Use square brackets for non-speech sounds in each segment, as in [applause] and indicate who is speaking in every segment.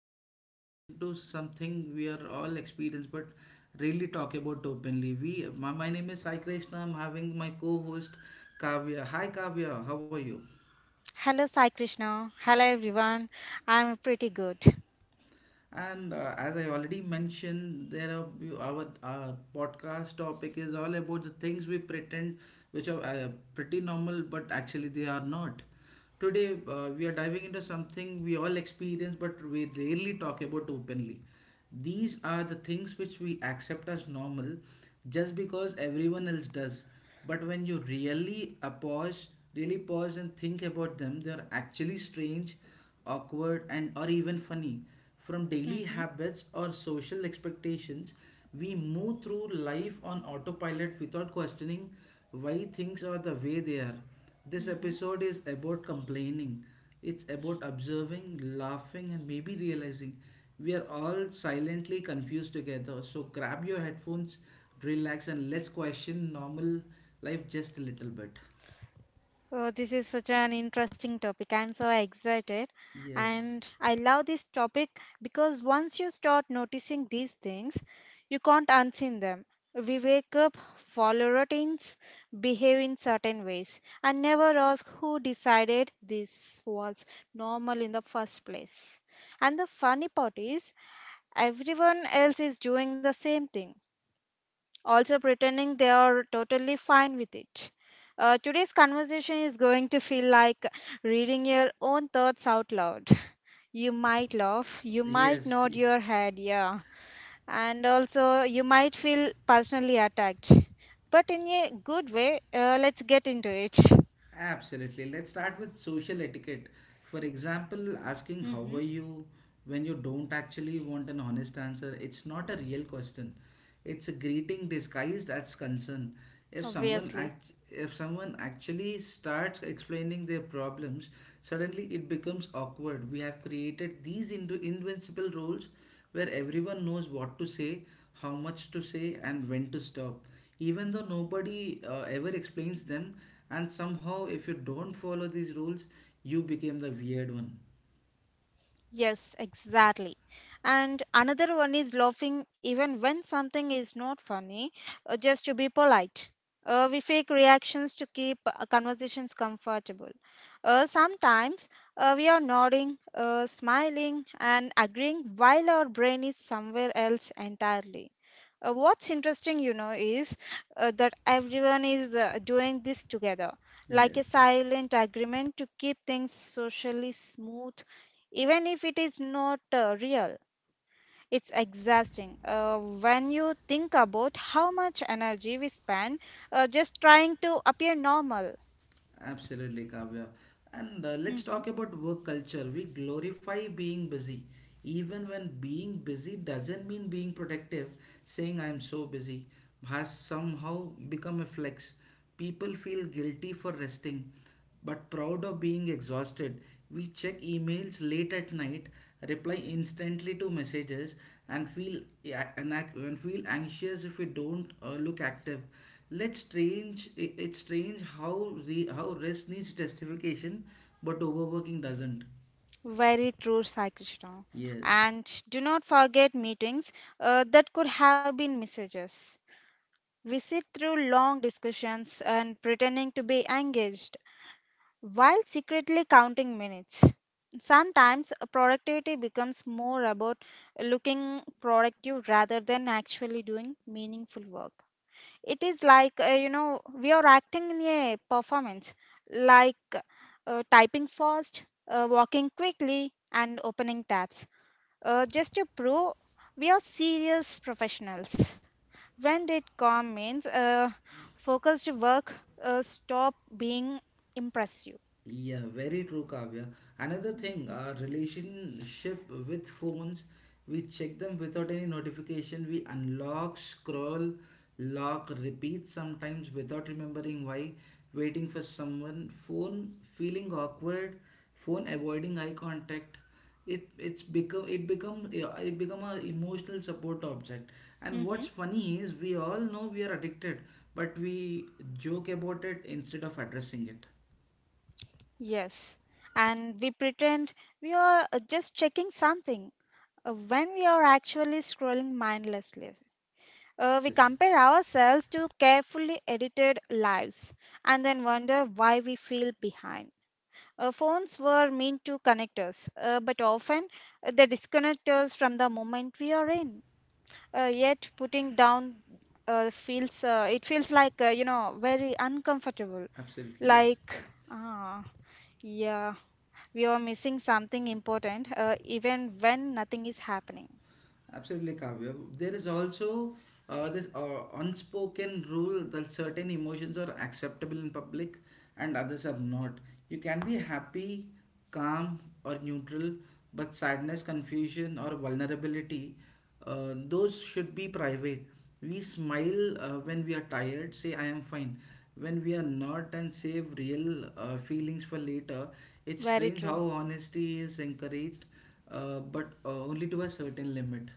Speaker 1: we are diving into something we are all experienced but really talk about openly. My name is Sai Krishna. I'm having my co-host Kavya. Hi Kavya, how are you?
Speaker 2: Hello, Sai Krishna. Hello, everyone. I'm pretty good.
Speaker 1: And as I already mentioned, there are our podcast topic is all about the things we pretend, which are pretty normal, but actually they are not. Today, we are diving into something we all experience, but we rarely talk about openly. These are the things which we accept as normal just because everyone else does. But when you really pause and think about them, they are actually strange, awkward, and or even funny. From daily
Speaker 2: hmm
Speaker 1: habits or social expectations, we move through life on autopilot without questioning why things are the way they are. This
Speaker 2: hmm
Speaker 1: episode is about complaining. It's about observing, laughing, and maybe realizing we are all silently confused together. So grab your headphones, relax, and let's question normal life just a little bit.
Speaker 2: Oh, this is such an interesting topic. I'm so excited.
Speaker 1: Yes,
Speaker 2: And I love this topic because once you start noticing these things, you can't unseen them. We wake up, follow routines, behave in certain ways, and never ask who decided this was normal in the first place. And the funny part is, everyone else is doing the same thing also pretending they are totally fine with it. Today's conversation is going to feel like reading your own thoughts out loud. [laughs] You might laugh, you might
Speaker 1: yes, [laughs]
Speaker 2: nod your head, yeah, and also you might feel personally attacked. But in a good way, let's get into it.
Speaker 1: absolutely. Let's start with social etiquette. For example,
Speaker 2: [laughs]
Speaker 1: asking how
Speaker 2: hmm
Speaker 1: are you when you don't actually want an honest answer. It's not a real question. It's a greeting disguised as concern.
Speaker 2: Obviously.
Speaker 1: If someone actually starts explaining their problems, suddenly it becomes awkward. We have created these into invincible roles where everyone knows what to say, how much to say, and when to stop, even though nobody ever explains them. And somehow, if you don't follow these rules, you became the weird one.
Speaker 2: Yes, exactly. And another one is laughing even when something is not funny, just to be polite. We fake reactions to keep conversations comfortable. Sometimes we are nodding, smiling, and agreeing while our brain is somewhere else entirely. What's interesting, you know, is that everyone is doing this together, like a
Speaker 1: Yes,
Speaker 2: silent agreement to keep things socially smooth even if it is not real. It's exhausting when you think about how much energy we spend just trying to appear normal.
Speaker 1: absolutely, Kavya. And let's
Speaker 2: Mhm.
Speaker 1: talk about work culture. We glorify being busy, even when being busy doesn't mean being productive. Saying I'm so busy has somehow become a flex. People feel guilty for resting, but proud of being exhausted, we check emails late at night, reply instantly to messages, and feel yeah, and ac- and feel anxious if we don't look active. It's strange how how rest needs justification, but overworking doesn't.
Speaker 2: Very true, Sai Krishna.
Speaker 1: Yes.
Speaker 2: And do not forget meetings that could have been messages. We sit through long discussions and pretending to be engaged while secretly counting minutes. Sometimes productivity becomes more about looking productive rather than actually doing meaningful work. It is like, you know, we are acting in a performance, like typing fast, walking quickly, and opening tabs, just to prove we are serious professionals. When did calm means focused work stop being impressive?
Speaker 1: Yeah, very true, Kavya. Another thing,
Speaker 2: Mhm.
Speaker 1: our relationship with phones, we check them without any notification. We unlock, scroll, lock, repeat sometimes without remembering why, waiting for someone, phone feeling awkward, phone avoiding eye contact. It it's become it become yeah, it become a emotional support object. And
Speaker 2: Mm-hmm.
Speaker 1: what's funny is we all know we are addicted, but we joke about it instead of addressing it.
Speaker 2: Yes. And we pretend we are just checking something when we are actually scrolling mindlessly. We
Speaker 1: Yes.
Speaker 2: compare ourselves to carefully edited lives and then wonder why we feel behind. Phones were meant to connect us, but often they disconnect us from the moment we are in. Yet putting down feels it feels like you know very uncomfortable.
Speaker 1: Absolutely, yes.
Speaker 2: Like ah yeah, we are missing something important even when nothing is happening.
Speaker 1: Absolutely, Kavya. There is also this unspoken rule that certain emotions are acceptable in public and others are not. You can be happy, calm, or neutral, but sadness, confusion, or vulnerability, those should be private. We smile when we are tired, say, I am fine. When we are not, and save real feelings for later. It's
Speaker 2: Very
Speaker 1: strange
Speaker 2: true.
Speaker 1: how honesty is encouraged but only to a certain limit.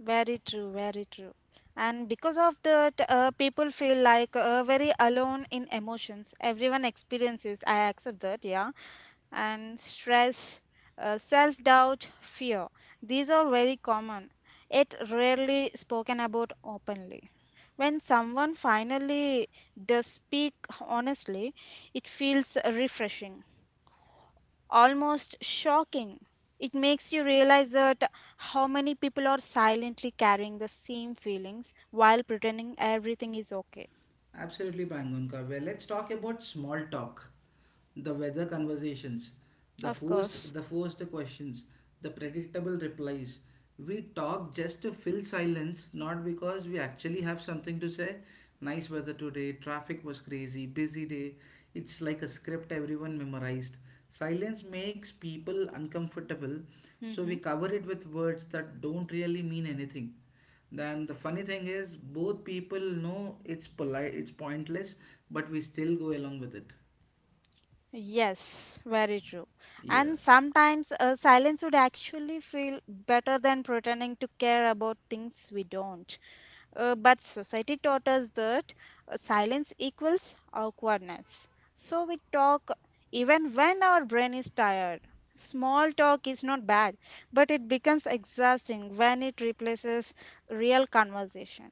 Speaker 2: Very true. And because of that, people feel like very alone in emotions. Everyone experiences, I accept that, yeah. And stress, self doubt, fear. These are very common, yet rarely spoken about openly. When someone finally does speak honestly, it feels refreshing almost shocking. It makes you realize that how many people are silently carrying the same feelings while pretending everything is okay.
Speaker 1: Absolutely, Bangunka. Well, let's talk about small talk, the weather conversations, the
Speaker 2: Of
Speaker 1: forced
Speaker 2: course.
Speaker 1: the forced questions, the predictable replies. We talk just to fill silence, not because we actually have something to say. Nice weather today, traffic was crazy, busy day. It's like a script everyone memorized. Silence makes people uncomfortable, so we
Speaker 2: Mhm.
Speaker 1: cover it with words that don't really mean anything. Then the funny thing is, both people know it's polite, it's pointless, but we still go along with it,
Speaker 2: Yes, very true.
Speaker 1: yeah.
Speaker 2: And sometimes silence would actually feel better than pretending to care about things we don't. But society taught us that silence equals awkwardness. So we talk even when our brain is tired. Small talk is not bad, but it becomes exhausting when it replaces real conversation.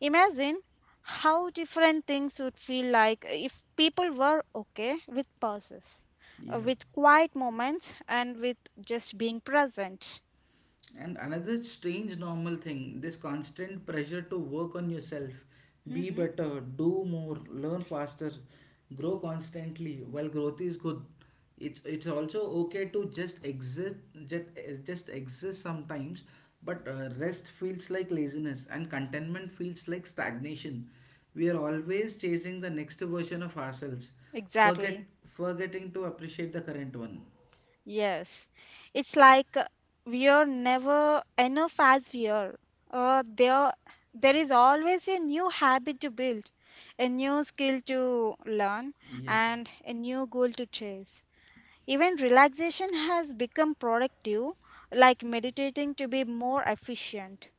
Speaker 2: Imagine how different things would feel like if people were okay with pauses,
Speaker 1: Yeah.
Speaker 2: with quiet moments, and with just being present.
Speaker 1: And another strange normal thing, this constant pressure to work on yourself, be
Speaker 2: hmm
Speaker 1: better, do more, learn faster, grow constantly. While growth is good, it's also okay to just exist, just, just exist sometimes. But rest feels like laziness, and contentment feels like stagnation. We are always chasing the next version of ourselves, forget
Speaker 2: Exactly.
Speaker 1: forgetting to appreciate the current one.
Speaker 2: Yes. It's like we are never enough as we are. Uh, there, there is always a new habit to build, a new skill to learn,
Speaker 1: Yes.
Speaker 2: and a new goal to chase. Even relaxation has become productive, like meditating to be more efficient.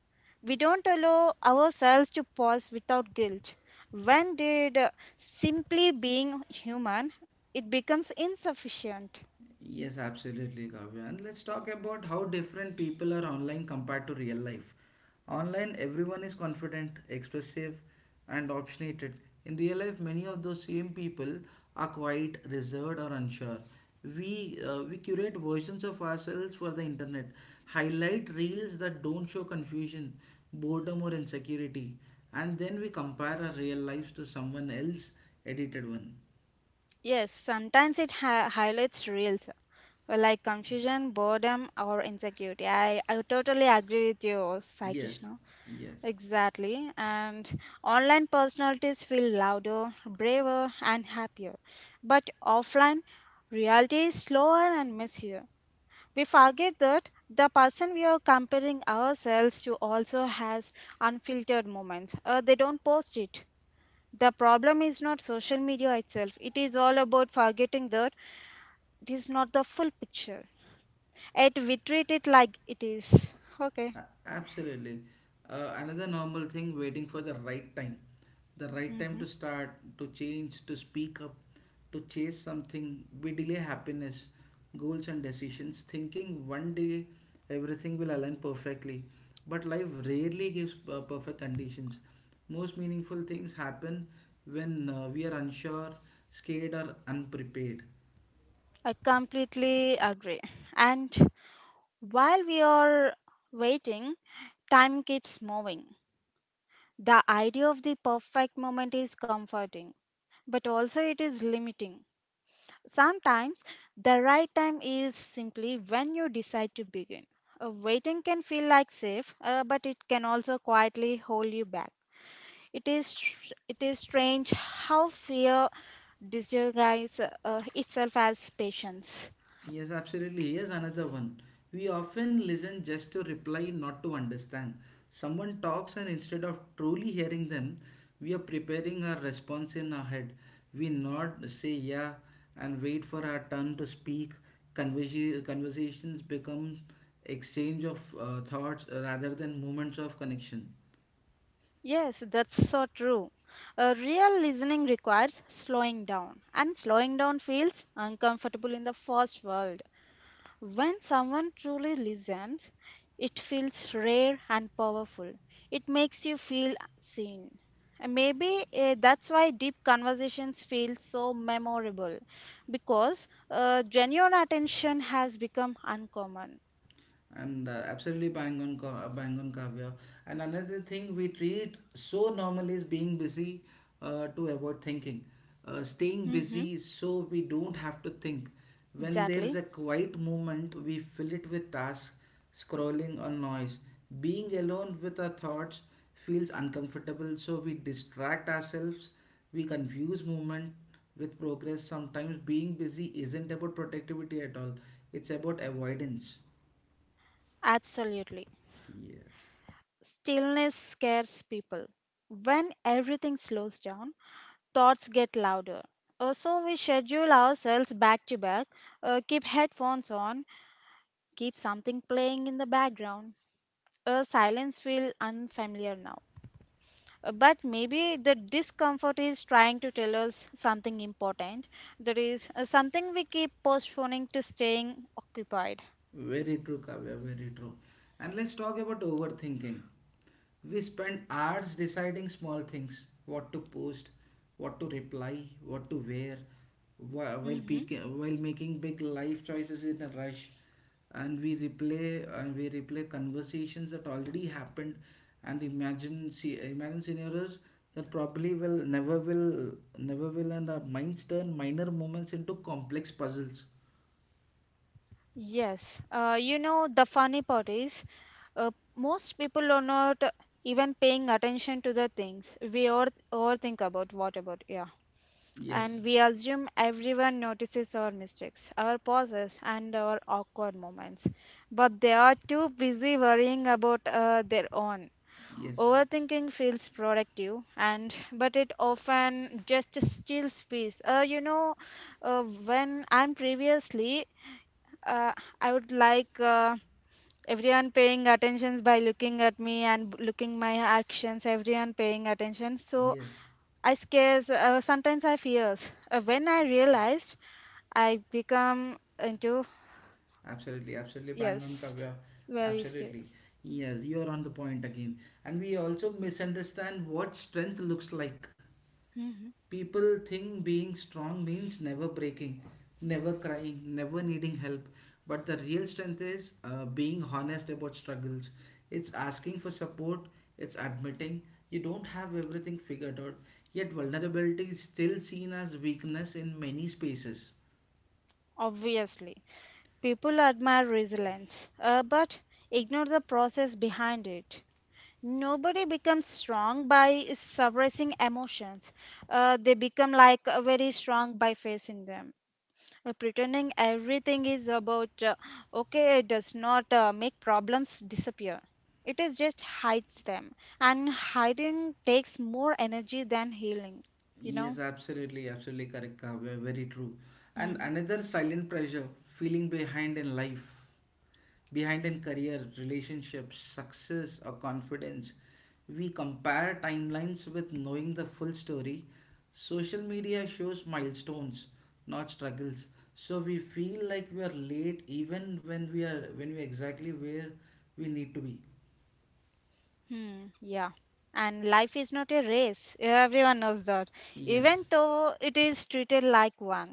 Speaker 2: We don't allow ourselves to pause without guilt. When did simply being human, it becomes insufficient.
Speaker 1: Yes, absolutely, Kavya. And let's talk about how different people are online compared to real life. Online, everyone is confident, expressive, and opinionated. In real life, many of those same people are quite reserved or unsure. We curate versions of ourselves for the internet, highlight reels that don't show confusion, boredom, or insecurity, and then we compare our real lives to someone else edited one.
Speaker 2: Yes, sometimes it highlights reels like confusion, boredom, or insecurity. I totally agree with you, Sai
Speaker 1: Yes,
Speaker 2: Krishna.
Speaker 1: yes.
Speaker 2: Exactly. And online personalities feel louder, braver, and happier. But offline, reality is slower and messier. We forget that the person we are comparing ourselves to also has unfiltered moments. They don't post it. The problem is not social media itself. It is all about forgetting that it is not the full picture. Yet we treat it like it is. Okay.
Speaker 1: Absolutely. Another normal thing, waiting for the right time. The right time
Speaker 2: hmm
Speaker 1: to start, to change, to speak up, to chase something. We delay happiness, goals, and decisions, thinking one day everything will align perfectly. But life rarely gives perfect conditions. Most meaningful things happen when we are unsure, scared, or unprepared.
Speaker 2: I completely agree. And while we are waiting, time keeps moving. The idea of the perfect moment is comforting, but also it is limiting. Sometimes the right time is simply when you decide to begin. Waiting can feel like safe, but it can also quietly hold you back. It is strange how fear disguises itself as patience.
Speaker 1: Yes, absolutely. Here's another one. We often listen just to reply, not to understand. Someone talks, and instead of truly hearing them, we are preparing our response in our head. We nod, say yeah, and wait for our turn to speak. Conversations become exchange of thoughts rather than moments of connection.
Speaker 2: Yes, that's so true. Real listening requires slowing down, and slowing down feels uncomfortable in the first world. When someone truly listens, it feels rare and powerful. It makes you feel seen. And maybe that's why deep conversations feel so memorable because genuine attention has become uncommon.
Speaker 1: And absolutely bang on Kavya. And another thing we treat so normal is being busy to avoid thinking, staying
Speaker 2: hmm
Speaker 1: busy so we don't have to think. When there's a
Speaker 2: Exactly.
Speaker 1: quiet moment, we fill it with tasks, scrolling or noise. Being alone with our thoughts feels uncomfortable, so we distract ourselves. We confuse movement with progress. Sometimes being busy isn't about productivity at all; it's about avoidance.
Speaker 2: Absolutely. Stillness scares people. When everything slows down, thoughts get louder. So we schedule ourselves back to back, keep headphones on, keep something playing in the background. A silence feels unfamiliar now. But maybe the discomfort is trying to tell us something important. That is something we keep postponing to staying occupied.
Speaker 1: Very true, Kavya, very true. And let's talk about overthinking. We spend hours deciding small things, what to post, what to reply, what to wear,
Speaker 2: Mhm.
Speaker 1: while making big life choices in a rush. And we replay conversations that already happened, and imagine scenarios that probably will never, and our minds turn minor moments into complex puzzles.
Speaker 2: Yes, you know, the funny part is uh, most people are not even paying attention to the things we all overthink about. What about, yeah.
Speaker 1: Yes,
Speaker 2: And we assume everyone notices our mistakes, our pauses, and our awkward moments. But they are too busy worrying about their own.
Speaker 1: yes,
Speaker 2: Overthinking feels productive, and but it often just steals peace. You know, when I'm previously uh, I would like everyone paying attentions by looking at me and looking my actions. Everyone paying attention. So
Speaker 1: yes.
Speaker 2: I scares. Sometimes I fears. When I realized, I become into
Speaker 1: Absolutely, absolutely bang on,
Speaker 2: yes,
Speaker 1: Kavya.
Speaker 2: very
Speaker 1: Absolutely.
Speaker 2: serious.
Speaker 1: Yes, you're on the point again. And we also misunderstand what strength looks like.
Speaker 2: hmm
Speaker 1: People think being strong means never breaking, never crying, never needing help. But the real strength is being honest about struggles. It's asking for support, it's admitting you don't have everything figured out. Yet, vulnerability is still seen as weakness in many spaces.
Speaker 2: Obviously, people admire resilience, but ignore the process behind it. Nobody becomes strong by suppressing emotions. They become like very strong by facing them. Pretending everything is about okay does not make problems disappear. It is just hides them, and hiding takes more energy than healing. You know.
Speaker 1: Yes, absolutely, absolutely correct, Kavya. Very true. And
Speaker 2: Hmm.
Speaker 1: another silent pressure, feeling behind in life, behind in career, relationships, success, or confidence. We compare timelines with knowing the full story. Social media shows milestones, not struggles. So we feel like we are late even when we are exactly where we need to be.
Speaker 2: Hmm. Yeah. And life is not a race. Everyone knows that. Even
Speaker 1: Yes.
Speaker 2: though it is treated like one.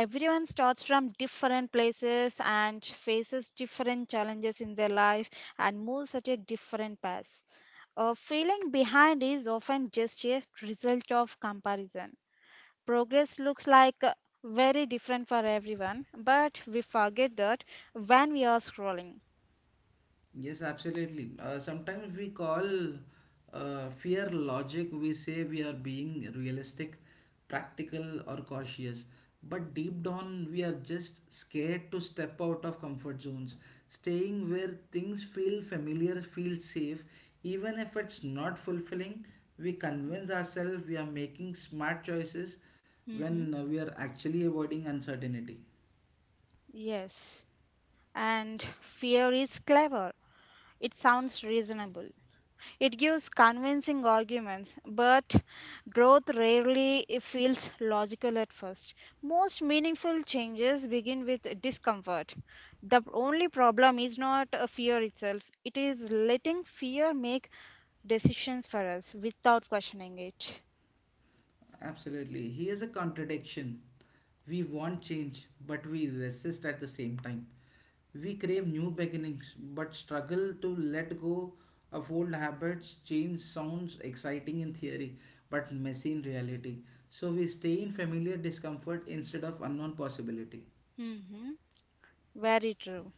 Speaker 2: Everyone starts from different places and faces different challenges in their life and moves at a different pace. Feeling behind is often just a result of comparison. Progress looks like very different for everyone, but we forget that when we are scrolling.
Speaker 1: Yes, absolutely. Sometimes we call fear logic. We say we are being realistic, practical, or cautious. But deep down, we are just scared to step out of comfort zones. Staying where things feel familiar, feel safe, even if it's not fulfilling, we convince ourselves we are making smart choices
Speaker 2: hmm
Speaker 1: when we are actually avoiding uncertainty.
Speaker 2: Yes, and fear is clever. It sounds reasonable. It gives convincing arguments, but growth rarely feels logical at first. Most meaningful changes begin with discomfort. The only problem is not a fear itself, it is letting fear make decisions for us without questioning it.
Speaker 1: Absolutely. Here's a contradiction. We want change, but we resist at the same time. We crave new beginnings, but struggle to let go of old habits. Change sounds exciting in theory, but messy in reality. So we stay in familiar discomfort instead of unknown possibility.
Speaker 2: hmm Very true.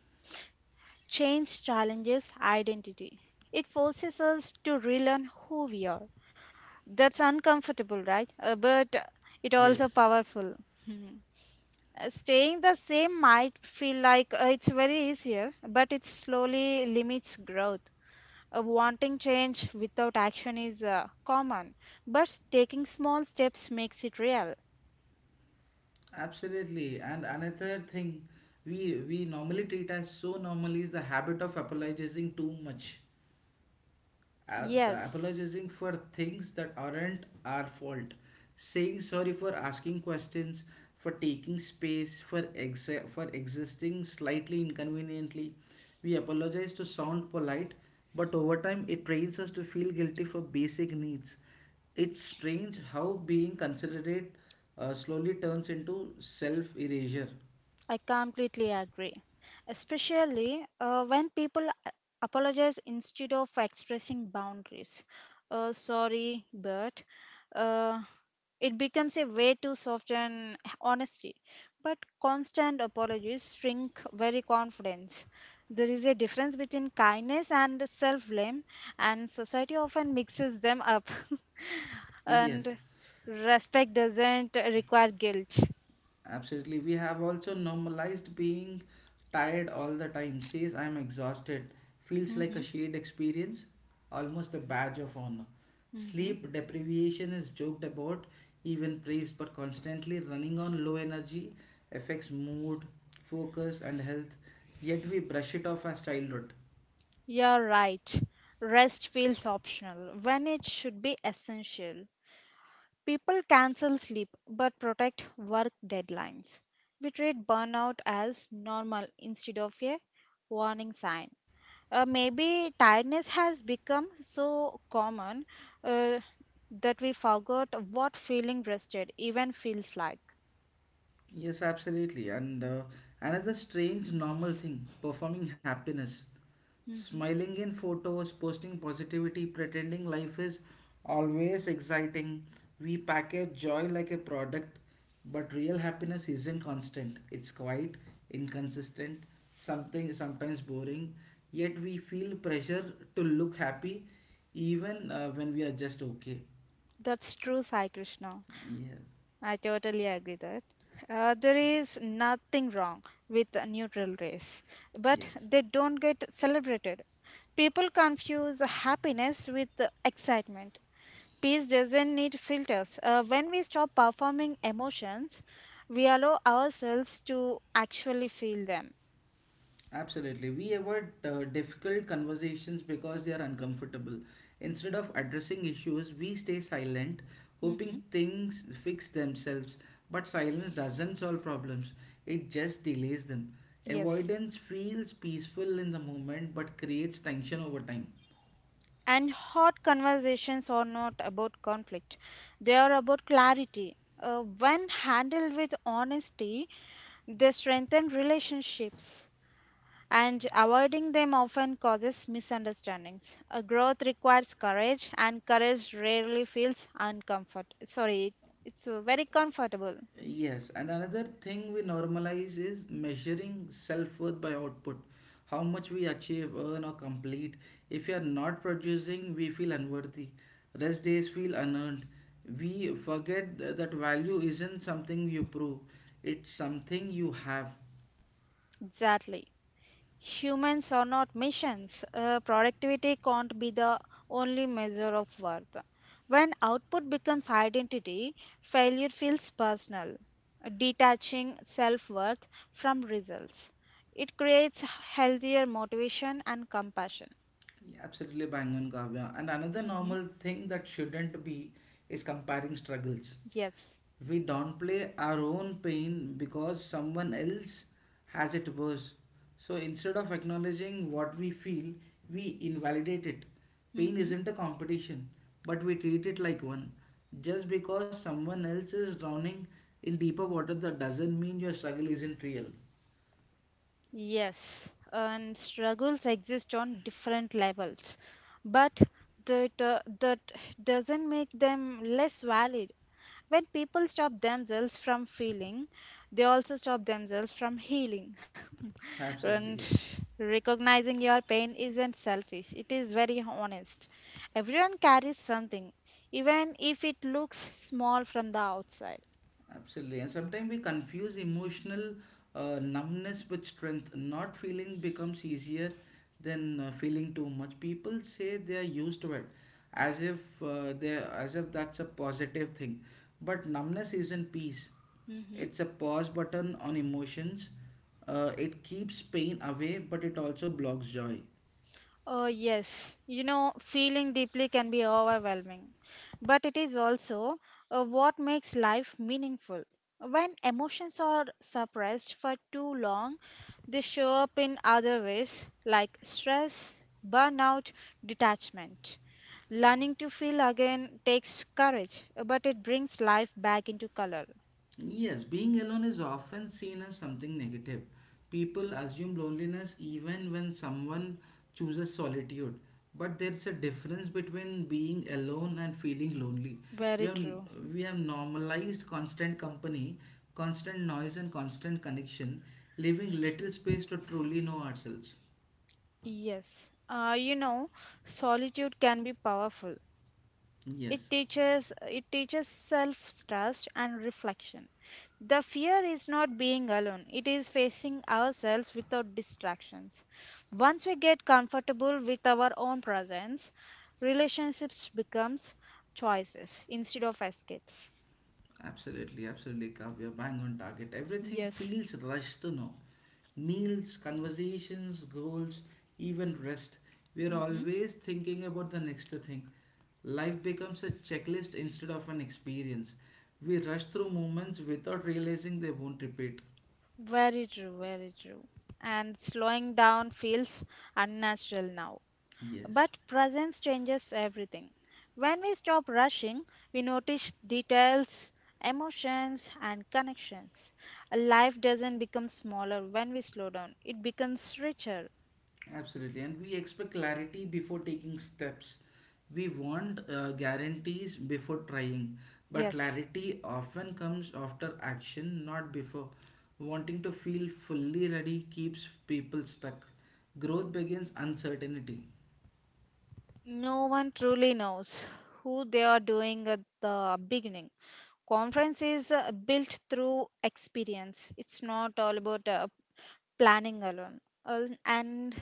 Speaker 2: Change challenges identity. It forces us to relearn who we are. That's uncomfortable, right? But it also
Speaker 1: Yes,
Speaker 2: powerful. [laughs] Staying the same might feel like it's very easier, but it slowly limits growth. Wanting change without action is common, but taking small steps makes it real.
Speaker 1: absolutely. And another thing we normally treat as so normal is the habit of apologizing too much. The
Speaker 2: Yes.
Speaker 1: apologizing for things that aren't our fault. Saying sorry for asking questions, for taking space, for existing slightly inconveniently. We apologize to sound polite, but over time it trains us to feel guilty for basic needs. It's strange how being considerate slowly turns into self erasure.
Speaker 2: I completely agree. Especially when people apologize instead of expressing boundaries. Sorry, but uh, it becomes a way to soften honesty. But constant apologies shrink very confidence. There is a difference between kindness and self blame, and society often mixes them up. [laughs]
Speaker 1: Yes.
Speaker 2: and respect doesn't require guilt.
Speaker 1: Absolutely. We have also normalized being tired all the time. Says I'm exhausted. Feels like a
Speaker 2: hmm
Speaker 1: shared experience, almost a badge of honor.
Speaker 2: hmm
Speaker 1: Sleep deprivation is joked about, even praised, but constantly running on low energy affects mood, focus, and health. Yet we brush it off as childhood.
Speaker 2: You're right. Rest feels optional when it should be essential. People cancel sleep but protect work deadlines. We treat burnout as normal instead of a warning sign. Maybe tiredness has become so common uh, that we forgot what feeling rested even feels like.
Speaker 1: Yes, absolutely. And another strange normal thing, performing happiness.
Speaker 2: Mhm.
Speaker 1: Smiling in photos, posting positivity, pretending life is always exciting. We package joy like a product, but real happiness isn't constant. It's quite inconsistent, something sometimes boring, yet we feel pressure to look happy even when we are just okay.
Speaker 2: That's true, Sai Krishna.
Speaker 1: Yeah,
Speaker 2: I totally agree that there is nothing wrong with a neutral race, but
Speaker 1: yes.
Speaker 2: they don't get celebrated. People confuse happiness with excitement. Peace doesn't need filters. When we stop performing emotions, we allow ourselves to actually feel them.
Speaker 1: Absolutely. We avoid difficult conversations because they are uncomfortable. Instead of addressing issues, we stay silent,
Speaker 2: hmm
Speaker 1: hoping things fix themselves. But silence doesn't solve problems, it just delays them.
Speaker 2: Yes.
Speaker 1: Avoidance feels peaceful in the moment but creates tension over time.
Speaker 2: And hot conversations are not about conflict, they are about clarity. When handled with honesty, they strengthen relationships, and avoiding them often causes misunderstandings. Growth requires courage, and courage rarely feels uncomfort. Sorry, it's very comfortable.
Speaker 1: Yes, and another thing we normalize is measuring self-worth by output. How much we achieve, earn, or complete. If we are not producing, we feel unworthy. Rest days feel unearned. We forget that value isn't something you prove, it's something you have.
Speaker 2: Exactly. Humans are not machines. Productivity can't be the only measure of worth. When output becomes identity, failure feels personal, detaching self worth from results. It creates healthier motivation and compassion.
Speaker 1: Absolutely bang on, Kavya. And another
Speaker 2: Mhm.
Speaker 1: normal thing that shouldn't be is comparing struggles.
Speaker 2: Yes.
Speaker 1: We downplay our own pain because someone else has it worse. So instead of acknowledging what we feel, we invalidate it. Pain
Speaker 2: Mm-hmm.
Speaker 1: isn't a competition, but we treat it like one. Just because someone else is drowning in deeper water, that doesn't mean your struggle isn't real.
Speaker 2: Yes, and struggles exist on different levels, but that doesn't make them less valid. When people stop themselves from feeling, they also stop themselves from healing. [laughs] and
Speaker 1: Absolutely, yes.
Speaker 2: recognizing your pain isn't selfish, it is very honest. Everyone carries something, even if it looks small from the outside.
Speaker 1: Absolutely. And sometimes we confuse emotional numbness with strength. Not feeling becomes easier than feeling too much. People say they are used to it as if that's a positive thing. But numbness isn't peace.
Speaker 2: Mm-hmm.
Speaker 1: It's a pause button on emotions. It keeps pain away, but it also blocks joy.
Speaker 2: Oh, yes. You know, feeling deeply can be overwhelming, but it is also what makes life meaningful. When emotions are suppressed for too long, they show up in other ways like stress, burnout, detachment. Learning to feel again takes courage, but it brings life back into color.
Speaker 1: Yes, being alone is often seen as something negative. People assume loneliness even when someone chooses solitude. But there's a difference between being alone and feeling lonely. We
Speaker 2: Very
Speaker 1: have
Speaker 2: true.
Speaker 1: we have normalized constant company, constant noise and constant connection, leaving little space to truly know ourselves.
Speaker 2: Yes. Solitude can be powerful. It
Speaker 1: Yes,
Speaker 2: teaches it teaches self-trust and reflection. The fear is not being alone. It is facing ourselves without distractions. Once we get comfortable with our own presence, relationships becomes choices instead of escapes.
Speaker 1: absolutely, absolutely, Kavya, bang on target. Everything
Speaker 2: Yes.
Speaker 1: feels rushed to know. Meals, conversations, goals, even rest. We are
Speaker 2: hmm
Speaker 1: always thinking about the next thing. Life becomes a checklist instead of an experience. We rush through moments without realizing they won't repeat.
Speaker 2: Very true, very true. And slowing down feels unnatural now.
Speaker 1: Yes.
Speaker 2: But presence changes everything. When we stop rushing, we notice details, emotions, and connections. Life doesn't become smaller when we slow down, it becomes richer.
Speaker 1: Absolutely, and we expect clarity before taking steps. We want guarantees before trying, but
Speaker 2: Yes,
Speaker 1: clarity often comes after action, not before. Wanting to feel fully ready keeps people stuck. Growth begins uncertainty.
Speaker 2: no one truly knows who they are doing at the beginning. Conference is built through experience. It's not all about planning alone. And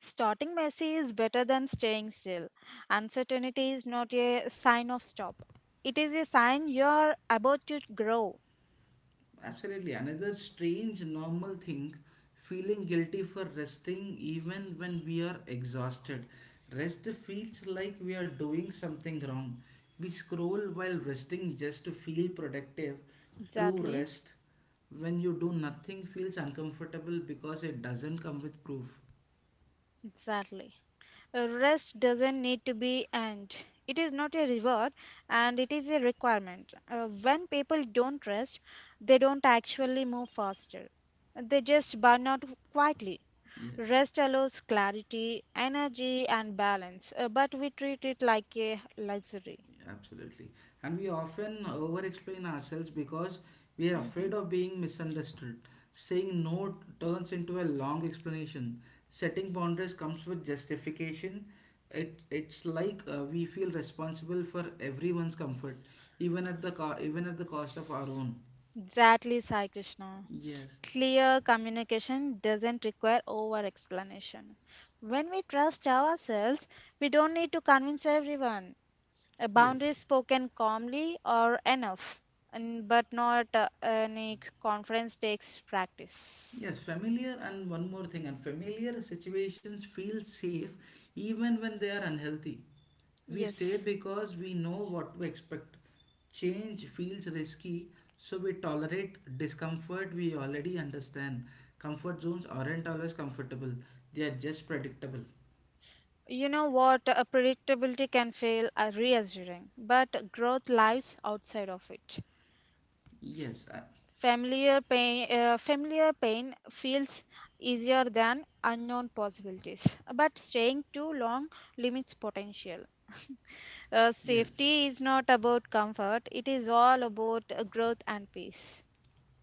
Speaker 2: starting messy is better than staying still. Uncertainty is not a sign of stop, it is a sign you're about to grow.
Speaker 1: Absolutely. Another strange normal thing, feeling guilty for resting even when we are exhausted. Rest feels like we are doing something wrong. We scroll while resting just to feel productive. True
Speaker 2: Exactly.
Speaker 1: rest, when you do nothing, feels uncomfortable because it doesn't come with proof.
Speaker 2: Exactly. Rest doesn't need to be earned. It is not a reward and it is a requirement. When people don't rest, they don't actually move faster. They just burn out quietly.
Speaker 1: Yes.
Speaker 2: Rest allows clarity, energy, and balance, but we treat it like a luxury.
Speaker 1: Absolutely. And we often over explain ourselves because we are
Speaker 2: Mhm.
Speaker 1: afraid of being misunderstood. Saying no turns into a long explanation. Setting boundaries comes with justification. It's like we feel responsible for everyone's comfort, even at the cost of our own.
Speaker 2: Exactly, Sai Krishna.
Speaker 1: Yes,
Speaker 2: Clear communication doesn't require over explanation. When we trust ourselves, we don't need to convince everyone. A boundary
Speaker 1: yes,
Speaker 2: spoken calmly or enough, and but not any conference takes practice.
Speaker 1: yes. Familiar and one more thing, and familiar situations feel safe even when they are unhealthy. We stay
Speaker 2: Yes.
Speaker 1: because we know what to expect. Change feels risky, so we tolerate discomfort we already understand. Comfort zones aren't always comfortable, they are just predictable.
Speaker 2: You know what? A predictability can feel reassuring, but growth lies outside of it.
Speaker 1: Yes, I,
Speaker 2: Familiar pain feels easier than unknown possibilities, but staying too long limits potential. [laughs] Uh,
Speaker 1: yes.
Speaker 2: safety is not about comfort, it is all about growth and peace.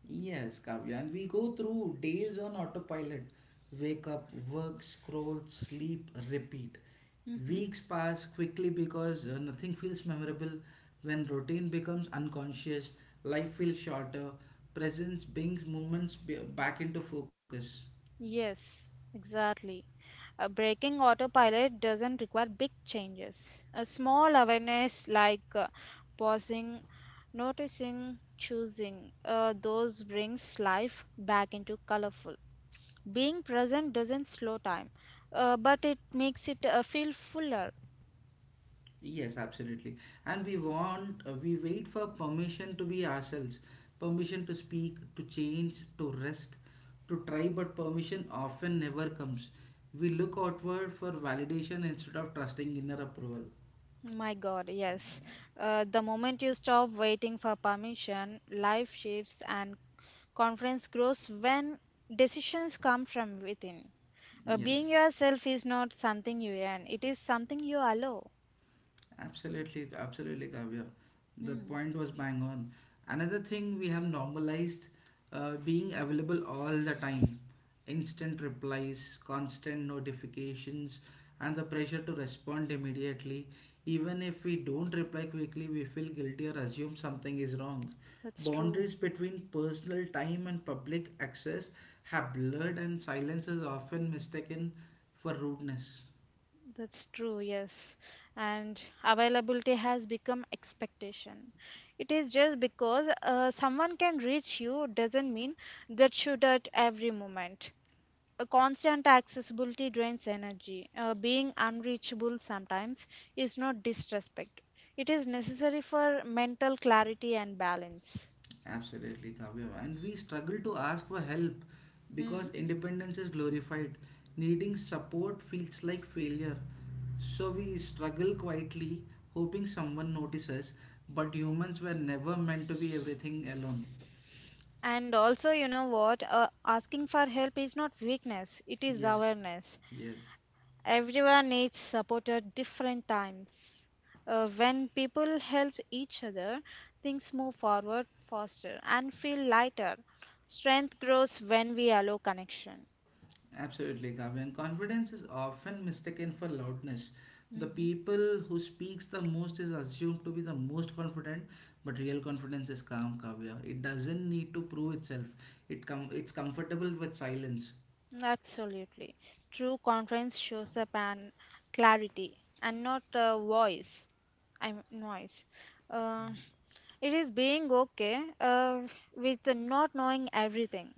Speaker 1: Yes, Kavya, and we go through days on autopilot. Wake up, work, scroll, sleep, repeat.
Speaker 2: hmm
Speaker 1: Weeks pass quickly because nothing feels memorable. When routine becomes unconscious, life feels shorter, presence brings moments back into focus.
Speaker 2: Yes, exactly. Breaking autopilot doesn't require big changes. A small awareness like pausing, noticing, choosing, those brings life back into colorful. Being present doesn't slow time, but it makes it feel fuller.
Speaker 1: Yes, absolutely. And we wait for permission to be ourselves, permission to speak, to change, to rest, to try, but permission often never comes. We look outward for validation instead of trusting inner approval.
Speaker 2: My God, yes. The moment you stop waiting for permission, life shifts and confidence grows when decisions come from within. Being
Speaker 1: Yes.
Speaker 2: yourself is not something you earn, it is something you allow.
Speaker 1: Absolutely, absolutely, Kavya. The
Speaker 2: Mm,
Speaker 1: point was bang on. Another thing we have normalized being available all the time instant replies, constant notifications, and the pressure to respond immediately. Even if we don't reply quickly, we feel guilty or assume something is wrong.
Speaker 2: that's true.
Speaker 1: Boundaries between personal time and public access have blurred, and silence is often mistaken for rudeness.
Speaker 2: That's true, yes. And availability has become expectation. It is just because someone can reach you doesn't mean that should at every moment. A constant accessibility drains energy. Being unreachable sometimes is not disrespect. It is necessary for mental clarity and balance.
Speaker 1: Absolutely, Kavya. And we struggle to ask for help
Speaker 2: Hmm.
Speaker 1: because independence is glorified. Needing support feels like failure. So we struggle quietly, hoping someone notices. But humans were never meant to be everything alone.
Speaker 2: And also, you know what? Asking for help is not weakness, it is
Speaker 1: Yes,
Speaker 2: awareness.
Speaker 1: yes.
Speaker 2: Everyone needs support at different times. When people help each other, things move forward faster and feel lighter. Strength grows when we allow connection.
Speaker 1: Absolutely, Kavya. And confidence is often mistaken for loudness. The
Speaker 2: Mhm.
Speaker 1: people who speaks the most is assumed to be the most confident, but real confidence is calm, Kavya. It doesn't need to prove itself. It's comfortable with silence.
Speaker 2: Absolutely. True conference shows up and clarity and not voice. I'm noise. Uh, it is being okay with not knowing everything.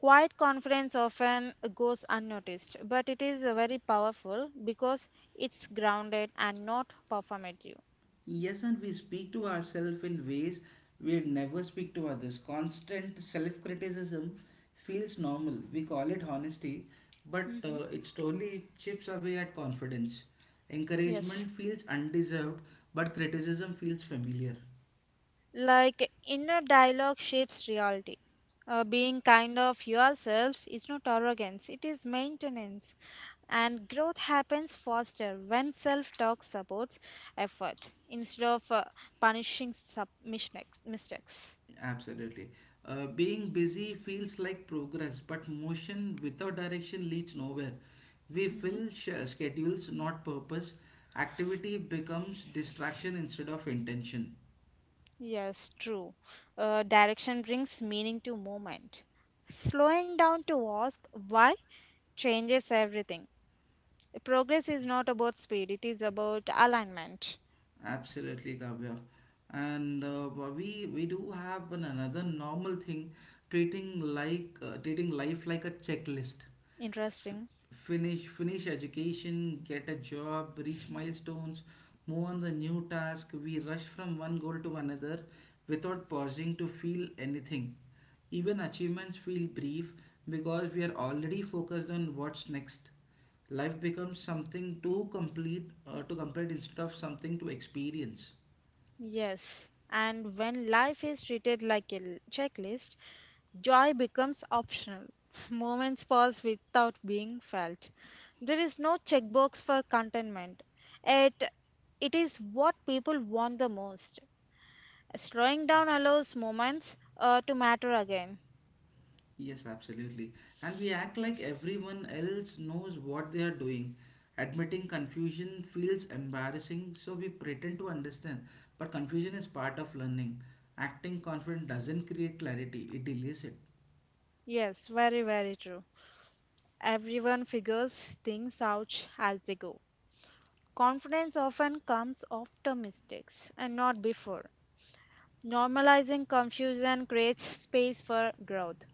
Speaker 2: Quiet conference often goes unnoticed, but it is very powerful because it's grounded and not performative.
Speaker 1: Yes, and we speak to ourselves in ways we'd never speak to others. Constant self criticism feels normal. We call it honesty, but
Speaker 2: hmm
Speaker 1: it slowly chips away at confidence.
Speaker 2: Yes.
Speaker 1: Encouragement feels undeserved, but criticism feels familiar.
Speaker 2: Like inner dialogue shapes reality. Being kind of yourself is not arrogance, it is maintenance. And growth happens faster when self talk supports effort instead of mistakes. Mistakes.
Speaker 1: Absolutely. Being busy feels like progress, but motion without direction leads nowhere. We fill schedules, not purpose. Activity becomes distraction instead of intention.
Speaker 2: Yes, true. Direction brings meaning to movement. Slowing down to ask why changes everything. Progress is not about speed, it is about alignment.
Speaker 1: Absolutely, Kavya. And we do have another normal thing, treating life like a checklist, f-
Speaker 2: Interesting.
Speaker 1: finish education, get a job, reach milestones, move on the new task. We rush from one goal to another without pausing to feel anything. Even achievements feel brief because we are already focused on what's next. Life becomes something to complete instead of something to experience.
Speaker 2: Yes, and when life is treated like a checklist, joy becomes optional. [laughs] Moments pass without being felt. There is no checkbox for contentment. It, it is what people want the most. Slowing down allows moments to matter again.
Speaker 1: Yes, absolutely. And we act like everyone else knows what they are doing. Admitting confusion feels embarrassing, so we pretend to understand. But confusion is part of learning. Acting confident doesn't create clarity, it delays it.
Speaker 2: Yes, very, very true. Everyone figures things out as they go. Confidence often comes after mistakes and not before. Normalizing confusion creates space for growth.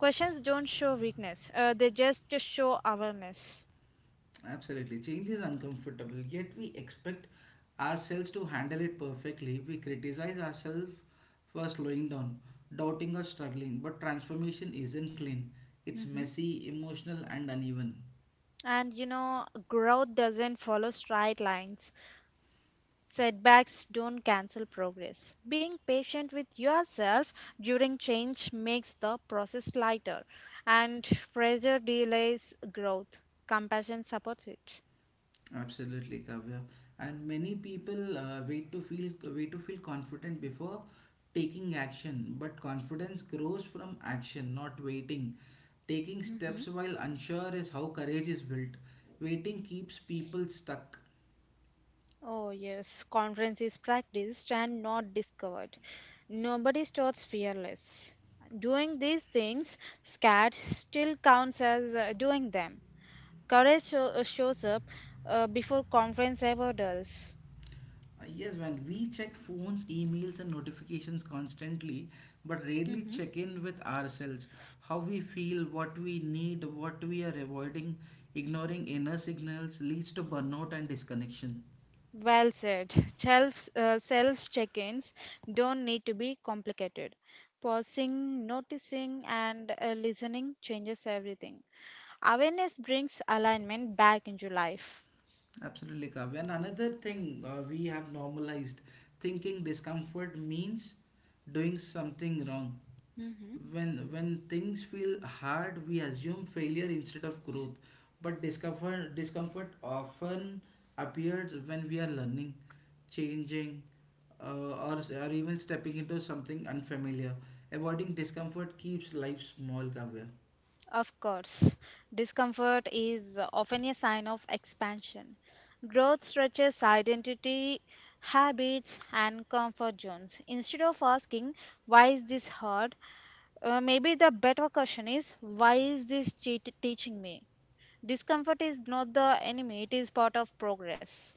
Speaker 2: Questions don't show weakness, they just show awareness.
Speaker 1: Absolutely. Change is uncomfortable, yet we expect ourselves to handle it perfectly. We criticize ourselves for slowing down, doubting, or struggling. But transformation isn't clean, it's
Speaker 2: Mhm.
Speaker 1: messy, emotional, and uneven.
Speaker 2: And you know, growth doesn't follow straight lines. Setbacks don't cancel progress. Being patient with yourself during change makes the process lighter, and pressure delays growth. Compassion supports it.
Speaker 1: Absolutely, Kavya. And many people wait to feel confident before taking action. But confidence grows from action, not waiting. Taking steps while unsure is how courage is built. Waiting keeps people stuck.
Speaker 2: Oh, yes, conference is practiced and not discovered. Nobody starts fearless. Doing these things, scared, still counts as doing them. Courage shows up before conference ever does.
Speaker 1: Yes, when we check phones, emails, and notifications constantly, but rarely
Speaker 2: hmm
Speaker 1: check in with ourselves. How we feel, what we need, what we are avoiding, ignoring inner signals leads to burnout and disconnection.
Speaker 2: Well said. [laughs] Self check ins don't need to be complicated. Pausing, noticing, and listening changes everything. Awareness brings alignment back into life.
Speaker 1: Absolutely, Kavya. And another thing we have normalized thinking discomfort means doing something wrong. When things feel hard, we assume failure instead of growth. But discomfort often appears when we are learning, changing, or even stepping into something unfamiliar. Avoiding discomfort keeps life small, Kavya.
Speaker 2: Of course, discomfort is often a sign of expansion. Growth stretches identity, habits, and comfort zones. Instead of asking, why is this hard? Maybe the better question is, why is this cheat teaching me? Discomfort is not the enemy, it is part of progress.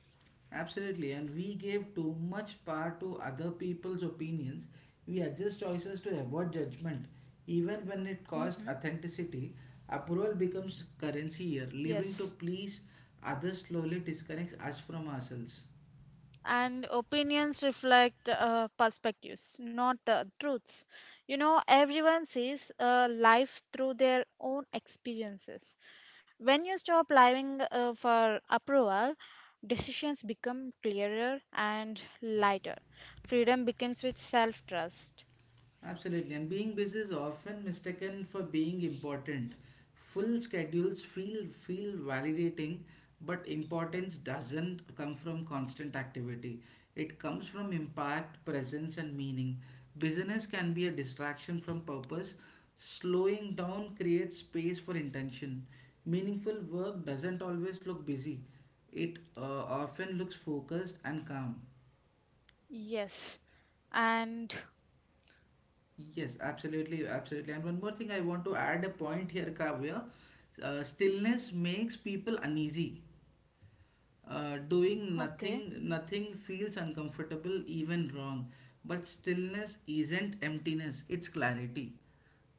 Speaker 1: Absolutely, and we gave too much power to other people's opinions. We adjust choices to avoid judgment. Even when it costs
Speaker 2: hmm
Speaker 1: authenticity, approval becomes currency here. Living to
Speaker 2: Yes.
Speaker 1: please others slowly disconnects us from ourselves.
Speaker 2: And opinions reflect perspectives, not truths. You know, everyone sees life through their own experiences. When you stop living for approval, decisions become clearer and lighter. Freedom begins with self trust.
Speaker 1: Absolutely, and being busy is often mistaken for being important. Full schedules feel validating, but importance doesn't come from constant activity. It comes from impact, presence, and meaning. Business can be a distraction from purpose. Slowing down creates space for intention. Meaningful work doesn't always look busy. It often looks focused and calm.
Speaker 2: Yes. And
Speaker 1: Yes, absolutely, absolutely. And one more thing, I want to add a point here, Kavya. Stillness makes people uneasy. Doing
Speaker 2: okay.
Speaker 1: nothing feels uncomfortable, even wrong. But stillness isn't emptiness; it's clarity.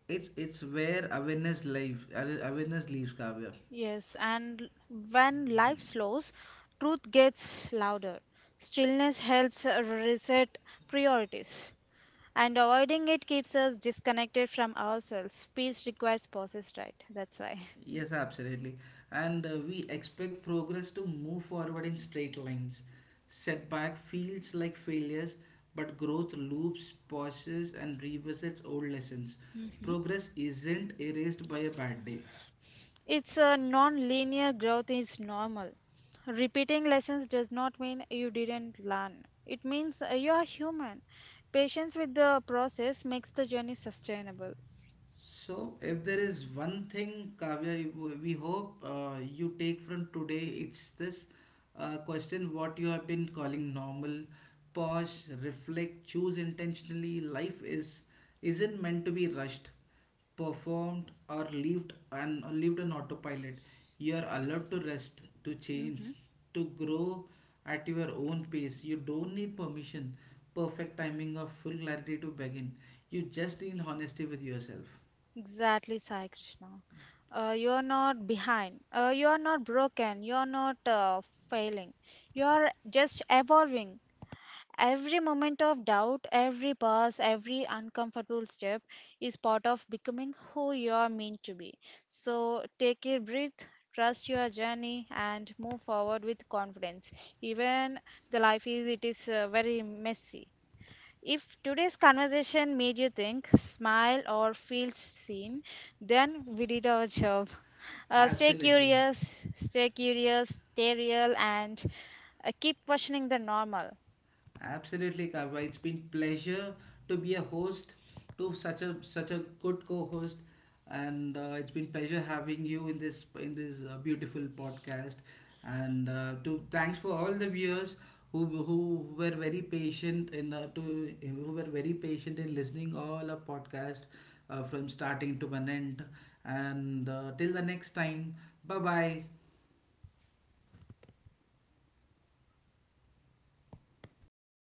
Speaker 1: It's where awareness lives. Awareness leaves, Kavya.
Speaker 2: Yes, and when life slows, truth gets louder. Stillness helps reset priorities, and avoiding it keeps us disconnected from ourselves. Peace requires pauses, right? That's why. [laughs]
Speaker 1: Yes, absolutely. And we expect progress to move forward in straight lines. Setback feels like failures, but growth loops, pauses, and revisits old lessons. Progress isn't erased by a bad day.
Speaker 2: It's a non linear growth is normal. Repeating lessons does not mean you didn't learn, it means you are human. Patience with the process makes the journey sustainable.
Speaker 1: So, if there is one thing, Kavya, we hope you take from today, it's this, question what you have been calling normal. Pause, reflect, choose intentionally. Life is isn't meant to be rushed, performed, or lived on autopilot. You are allowed to rest, to change, to grow at your own pace. You don't need permission, perfect timing, or full clarity to begin. You just need honesty with yourself.
Speaker 2: Exactly, Sai Krishna. You are not behind. You are not broken. You are not failing. You are just evolving. Every moment of doubt, every pause, every uncomfortable step is part of becoming who you are meant to be. So take a breath, trust your journey, and move forward with confidence. Even the life is it is very messy. If today's conversation made you think, smile, or feel seen, then we did our job. [laughs] Stay
Speaker 1: Absolutely.
Speaker 2: curious, stay curious, stay real, and keep questioning the normal.
Speaker 1: Absolutely, Kavya. It's been pleasure to be a host to such a good co-host and it's been pleasure having you in this beautiful podcast and to thanks for all the viewers who were very patient in to who were very patient in listening all our podcast from starting to an end and till the next time, bye bye.